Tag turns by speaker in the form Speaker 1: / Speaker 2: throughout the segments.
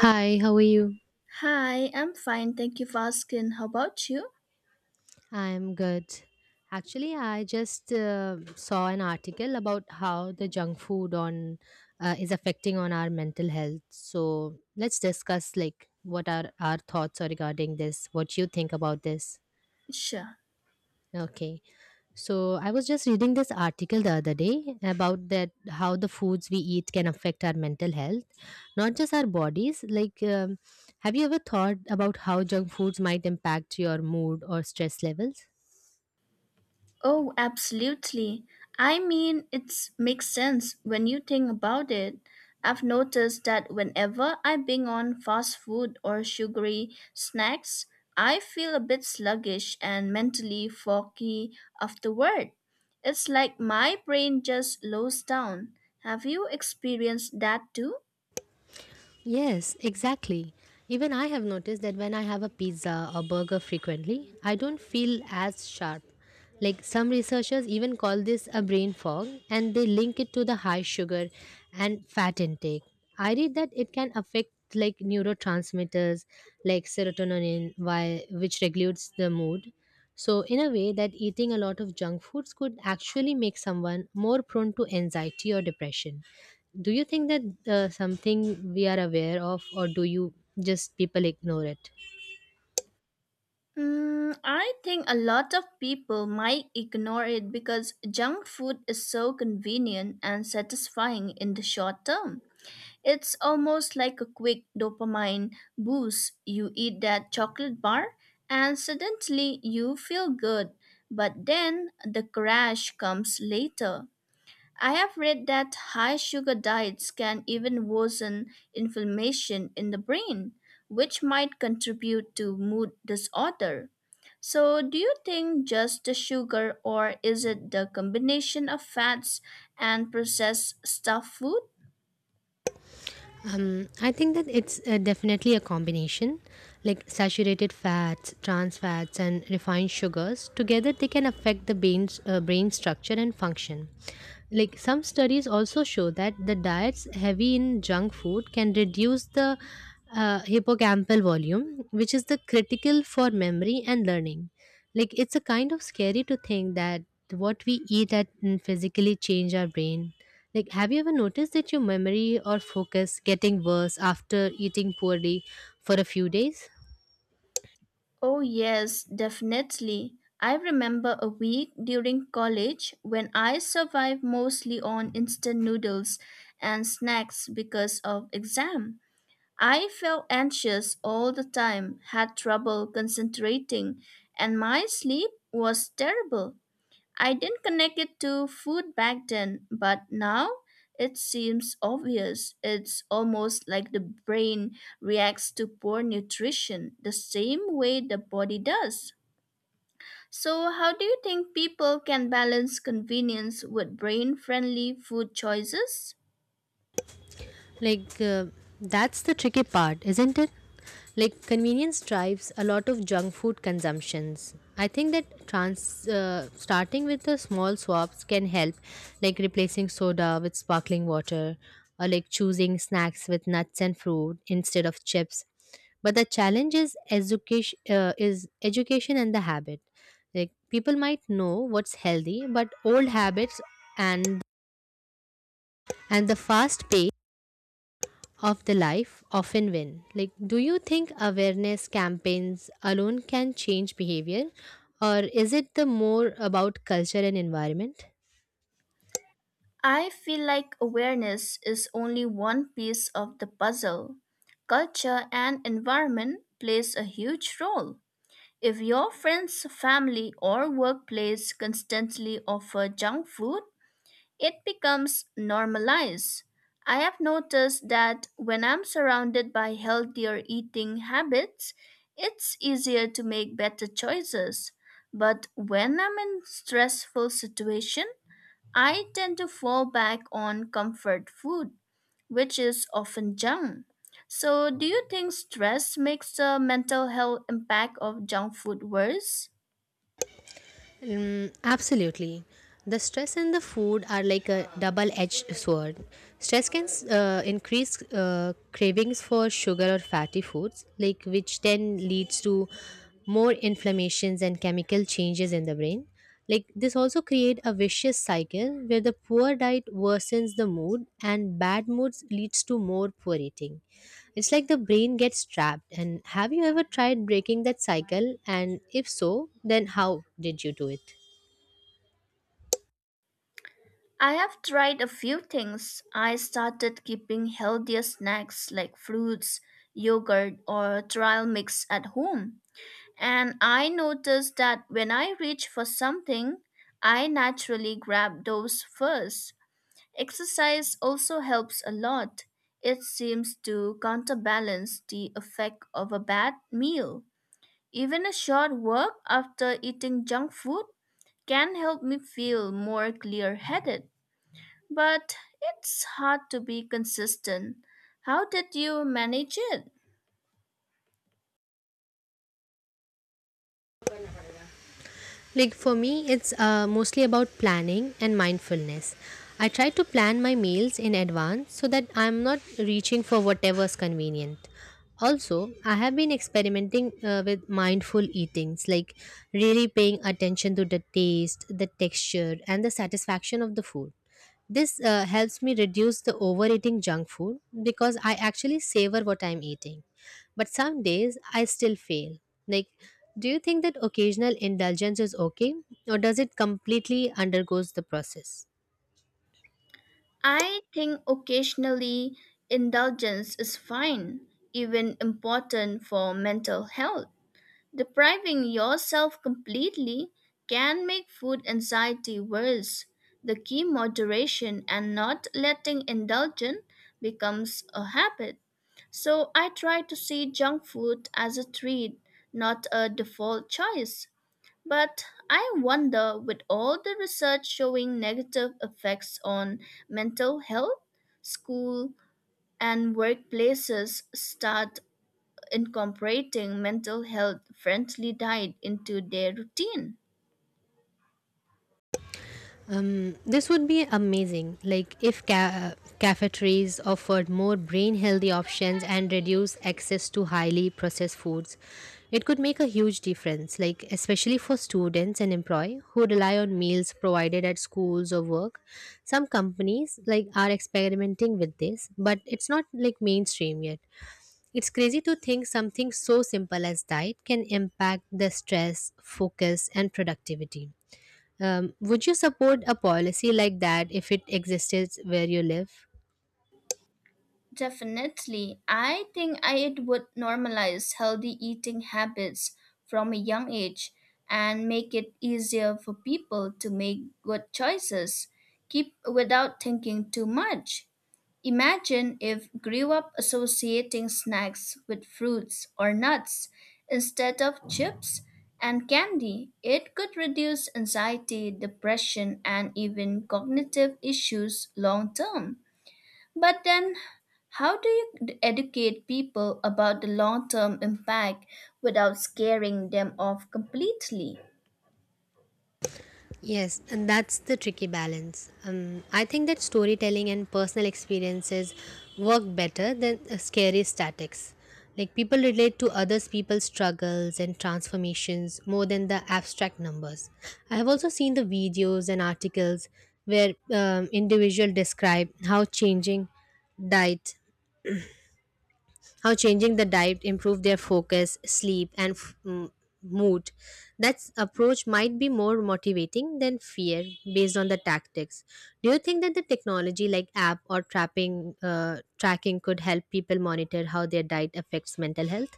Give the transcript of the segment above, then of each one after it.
Speaker 1: Hi, how are you?
Speaker 2: Hi, I'm fine. Thank you for asking. How about you?
Speaker 1: I'm good. Actually, I just saw an article about how the junk food on is affecting on our mental health. So let's discuss like what are our thoughts are regarding this. What you think about this?
Speaker 2: Sure.
Speaker 1: Okay. So I was just reading this article the other day about that how the foods we eat can affect our mental health, not just our bodies. Like, have you ever thought about how junk foods might impact your mood or stress levels?
Speaker 2: Oh, absolutely. I mean, it makes sense when you think about it. I've noticed that whenever I bing on fast food or sugary snacks, I feel a bit sluggish and mentally foggy afterward. It's like my brain just slows down. Have you experienced that too?
Speaker 1: Yes, exactly. Even I have noticed that when I have a pizza or burger frequently, I don't feel as sharp. Like some researchers even call this a brain fog and they link it to the high sugar and fat intake. I read that it can affect like neurotransmitters like serotonin why which regulates the mood. So in a way that eating a lot of junk foods could actually make someone more prone to anxiety or depression. Do you think that something we are aware of, or do you just people ignore it?
Speaker 2: I think a lot of people might ignore it because junk food is so convenient and satisfying in the short term. It's almost like a quick dopamine boost. You eat that chocolate bar and suddenly you feel good, but then the crash comes later. I have read that high sugar diets can even worsen inflammation in the brain, which might contribute to mood disorder. So, do you think just the sugar, or is it the combination of fats and processed stuffed food?
Speaker 1: I think that it's definitely a combination. Like saturated fats, trans fats, and refined sugars together, they can affect the brain's brain structure and function. Like some studies also show that the diets heavy in junk food can reduce the hippocampal volume, which is the critical for memory and learning. Like it's a kind of scary to think that what we eat at and physically change our brain. Like have you ever noticed that your memory or focus getting worse after eating poorly for a few days?
Speaker 2: Oh, yes, definitely. I remember a week during college when I survived mostly on instant noodles and snacks because of exam. I felt anxious all the time, had trouble concentrating, and my sleep was terrible. I didn't connect it to food back then, but now it seems obvious. It's almost like the brain reacts to poor nutrition the same way the body does. So, how do you think people can balance convenience with brain friendly food choices?
Speaker 1: Like, that's the tricky part, isn't it? Like, convenience drives a lot of junk food consumptions. I think that starting with the small swaps can help, like replacing soda with sparkling water, or like choosing snacks with nuts and fruit instead of chips. But the challenge is education and the habit. Like, people might know what's healthy, but old habits and and the fast pace of the life often win. Like, do you think awareness campaigns alone can change behavior, or is it the more about culture and environment?
Speaker 2: I feel like awareness is only one piece of the puzzle. Culture and environment plays a huge role. If your friends, family, or workplace constantly offer junk food, it becomes normalized. I have noticed that when I'm surrounded by healthier eating habits, it's easier to make better choices. But when I'm in stressful situation, I tend to fall back on comfort food, which is often junk. So, do you think stress makes the mental health impact of junk food worse?
Speaker 1: Mm, absolutely. The stress and the food are like a double edged sword. Stress can increase cravings for sugar or fatty foods, like which then leads to more inflammations and chemical changes in the brain. Like this also create a vicious cycle where the poor diet worsens the mood and bad moods leads to more poor eating. It's like the brain gets trapped. And have you ever tried breaking that cycle? And if so, then how did you do it?
Speaker 2: I have tried a few things. I started keeping healthier snacks like fruits, yogurt, or trial mix at home. And I noticed that when I reach for something, I naturally grab those first. Exercise also helps a lot. It seems to counterbalance the effect of a bad meal. Even a short walk after eating junk food can help me feel more clear headed. But it's hard to be consistent. How did you manage it?
Speaker 1: Like for me, it's mostly about planning and mindfulness. I try to plan my meals in advance so that I'm not reaching for whatever's convenient. Also, I have been experimenting with mindful eatings, like really paying attention to the taste, the texture, and the satisfaction of the food. This helps me reduce the overeating junk food because I actually savor what I'm eating. But some days I still fail. Like, do you think that occasional indulgence is okay, or does it completely undergoes the process?
Speaker 2: I think occasionally indulgence is fine, even important for mental health. Depriving yourself completely can make food anxiety worse. The key moderation and not letting indulgence becomes a habit. So I try to see junk food as a treat, not a default choice. But I wonder with all the research showing negative effects on mental health, school and workplaces start incorporating mental health friendly diet into their routine.
Speaker 1: This would be amazing. Like, if cafeterias offered more brain healthy options and reduce access to highly processed foods, it could make a huge difference. Like, especially for students and employee who rely on meals provided at schools or work. Some companies like are experimenting with this, but it's not like mainstream yet. It's crazy to think something so simple as diet can impact the stress, focus, and productivity. Would you support a policy like that if it existed where you live?
Speaker 2: Definitely. I think it would normalize healthy eating habits from a young age and make it easier for people to make good choices keep without thinking too much. Imagine if grew up associating snacks with fruits or nuts instead of chips and candy. It could reduce anxiety, depression, and even cognitive issues long term. But then, how do you educate people about the long term impact without scaring them off completely?
Speaker 1: Yes, and that's the tricky balance. I think that storytelling and personal experiences work better than scary statics. Like people relate to others people's struggles and transformations more than the abstract numbers. I have also seen the videos and articles where individuals describe how diet changing the diet improved their focus, sleep, and mood. That approach might be more motivating than fear based on the tactics. Do you think that the technology like app or tracking could help people monitor how their diet affects mental health?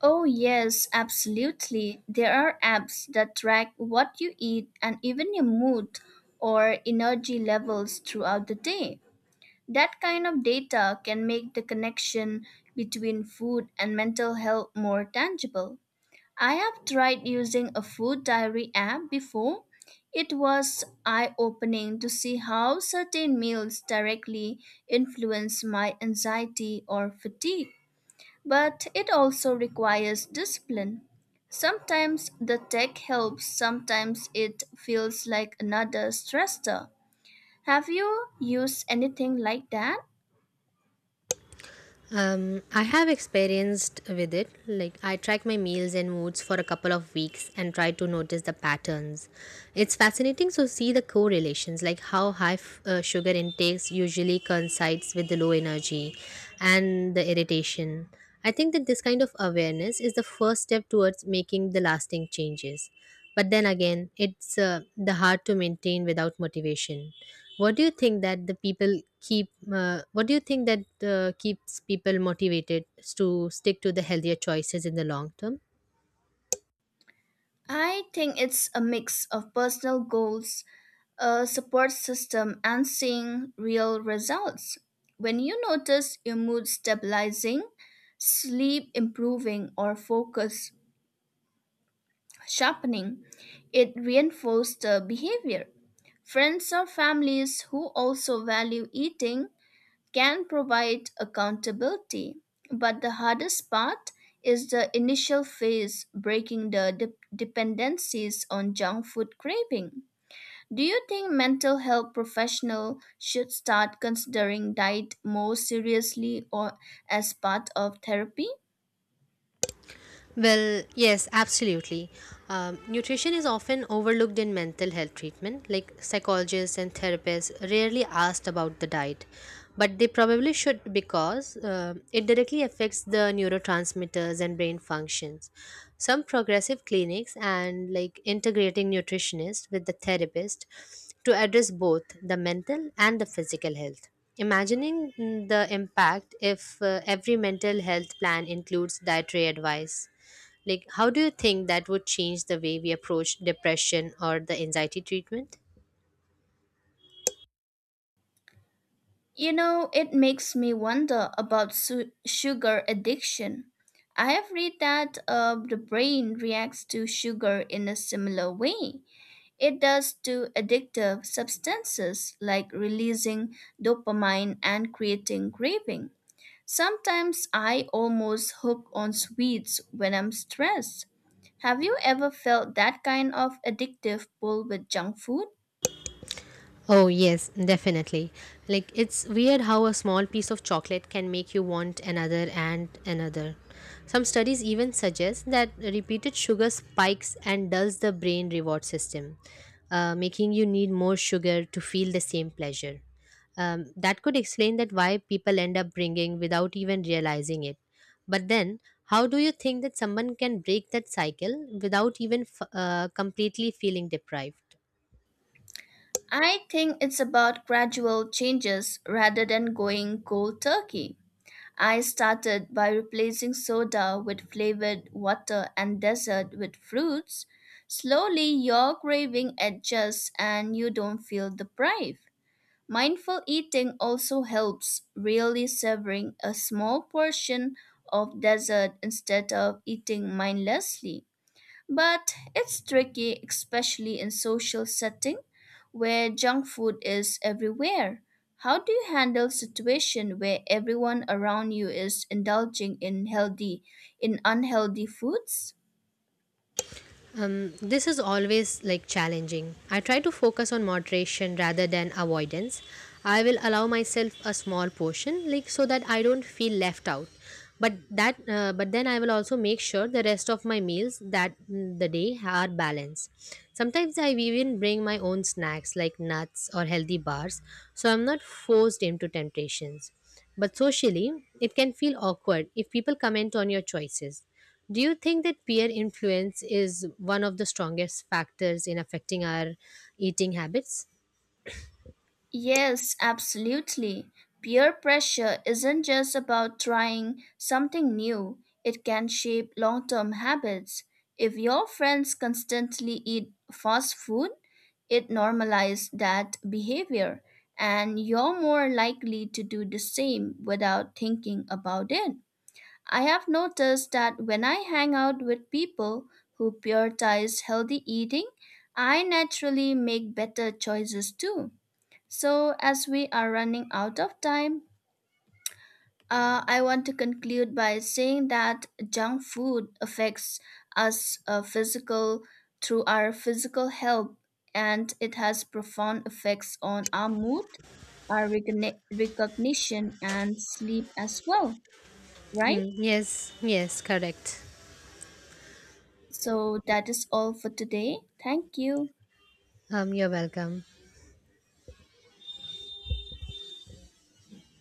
Speaker 2: Oh, yes, absolutely. There are apps that track what you eat and even your mood or energy levels throughout the day. That kind of data can make the connection between food and mental health more tangible. I have tried using a food diary app before. It was eye opening to see how certain meals directly influence my anxiety or fatigue. But it also requires discipline. Sometimes the tech helps, sometimes it feels like another stressor. Have you used anything like that?
Speaker 1: I have experienced with it. Like, I track my meals and moods for a couple of weeks and try to notice the patterns. It's fascinating to see the correlations, like how high sugar intakes usually coincides with the low energy and the irritation. I think that this kind of awareness is the first step towards making the lasting changes. But then again, it's the hard to maintain without motivation. What do you think that the people keep? What do you think that keeps people motivated to stick to the healthier choices in the long term?
Speaker 2: I think it's a mix of personal goals, a support system, and seeing real results. When you notice your mood stabilizing, sleep improving, or focus sharpening, it reinforces the behavior. Friends or families who also value eating can provide accountability. But the hardest part is the initial phase breaking the dependencies on junk food craving. Do you think mental health professionals should start considering diet more seriously or as part of therapy?
Speaker 1: Well, yes, absolutely. Nutrition is often overlooked in mental health treatment, like psychologists and therapists rarely asked about the diet, but they probably should because it directly affects the neurotransmitters and brain functions. Some progressive clinics and like integrating nutritionist with the therapist to address both the mental and the physical health. Imagining the impact if every mental health plan includes dietary advice. Like, how do you think that would change the way we approach depression or the anxiety treatment?
Speaker 2: You know, it makes me wonder about sugar addiction. I have read that the brain reacts to sugar in a similar way. It does to addictive substances like releasing dopamine and creating craving. Sometimes I almost hook on sweets when I'm stressed. Have you ever felt that kind of addictive pull with junk food?
Speaker 1: Oh, yes, definitely. Like, it's weird how a small piece of chocolate can make you want another and another. Some studies even suggest that repeated sugar spikes and dulls the brain reward system, making you need more sugar to feel the same pleasure. That could explain that why people end up bringing without even realizing it. But then, how do you think that someone can break that cycle without even completely feeling deprived?
Speaker 2: I think it's about gradual changes rather than going cold turkey. I started by replacing soda with flavored water and dessert with fruits. Slowly, your craving adjusts and you don't feel deprived. Mindful eating also helps, really savoring a small portion of dessert instead of eating mindlessly. But it's tricky, especially in social setting where junk food is everywhere. How do you handle situation where everyone around you is indulging in healthy in unhealthy foods?
Speaker 1: This is always like challenging. I try to focus on moderation rather than avoidance. I will allow myself a small portion, like so that I don't feel left out. But then I will also make sure the rest of my meals that the day are balanced. Sometimes I even bring my own snacks like nuts or healthy bars, so I'm not forced into temptations. But socially, it can feel awkward if people comment on your choices. Do you think that peer influence is one of the strongest factors in affecting our eating habits?
Speaker 2: Yes, absolutely. Peer pressure isn't just about trying something new, it can shape long term habits. If your friends constantly eat fast food, it normalizes that behavior, and you're more likely to do the same without thinking about it. I have noticed that when I hang out with people who prioritize healthy eating, I naturally make better choices too. So, as we are running out of time, I want to conclude by saying that junk food affects us physical through our physical health, and it has profound effects on our mood, our recognition, and sleep as well. Right.
Speaker 1: Mm, yes, yes, correct.
Speaker 2: So that is all for today. Thank you.
Speaker 1: You're welcome.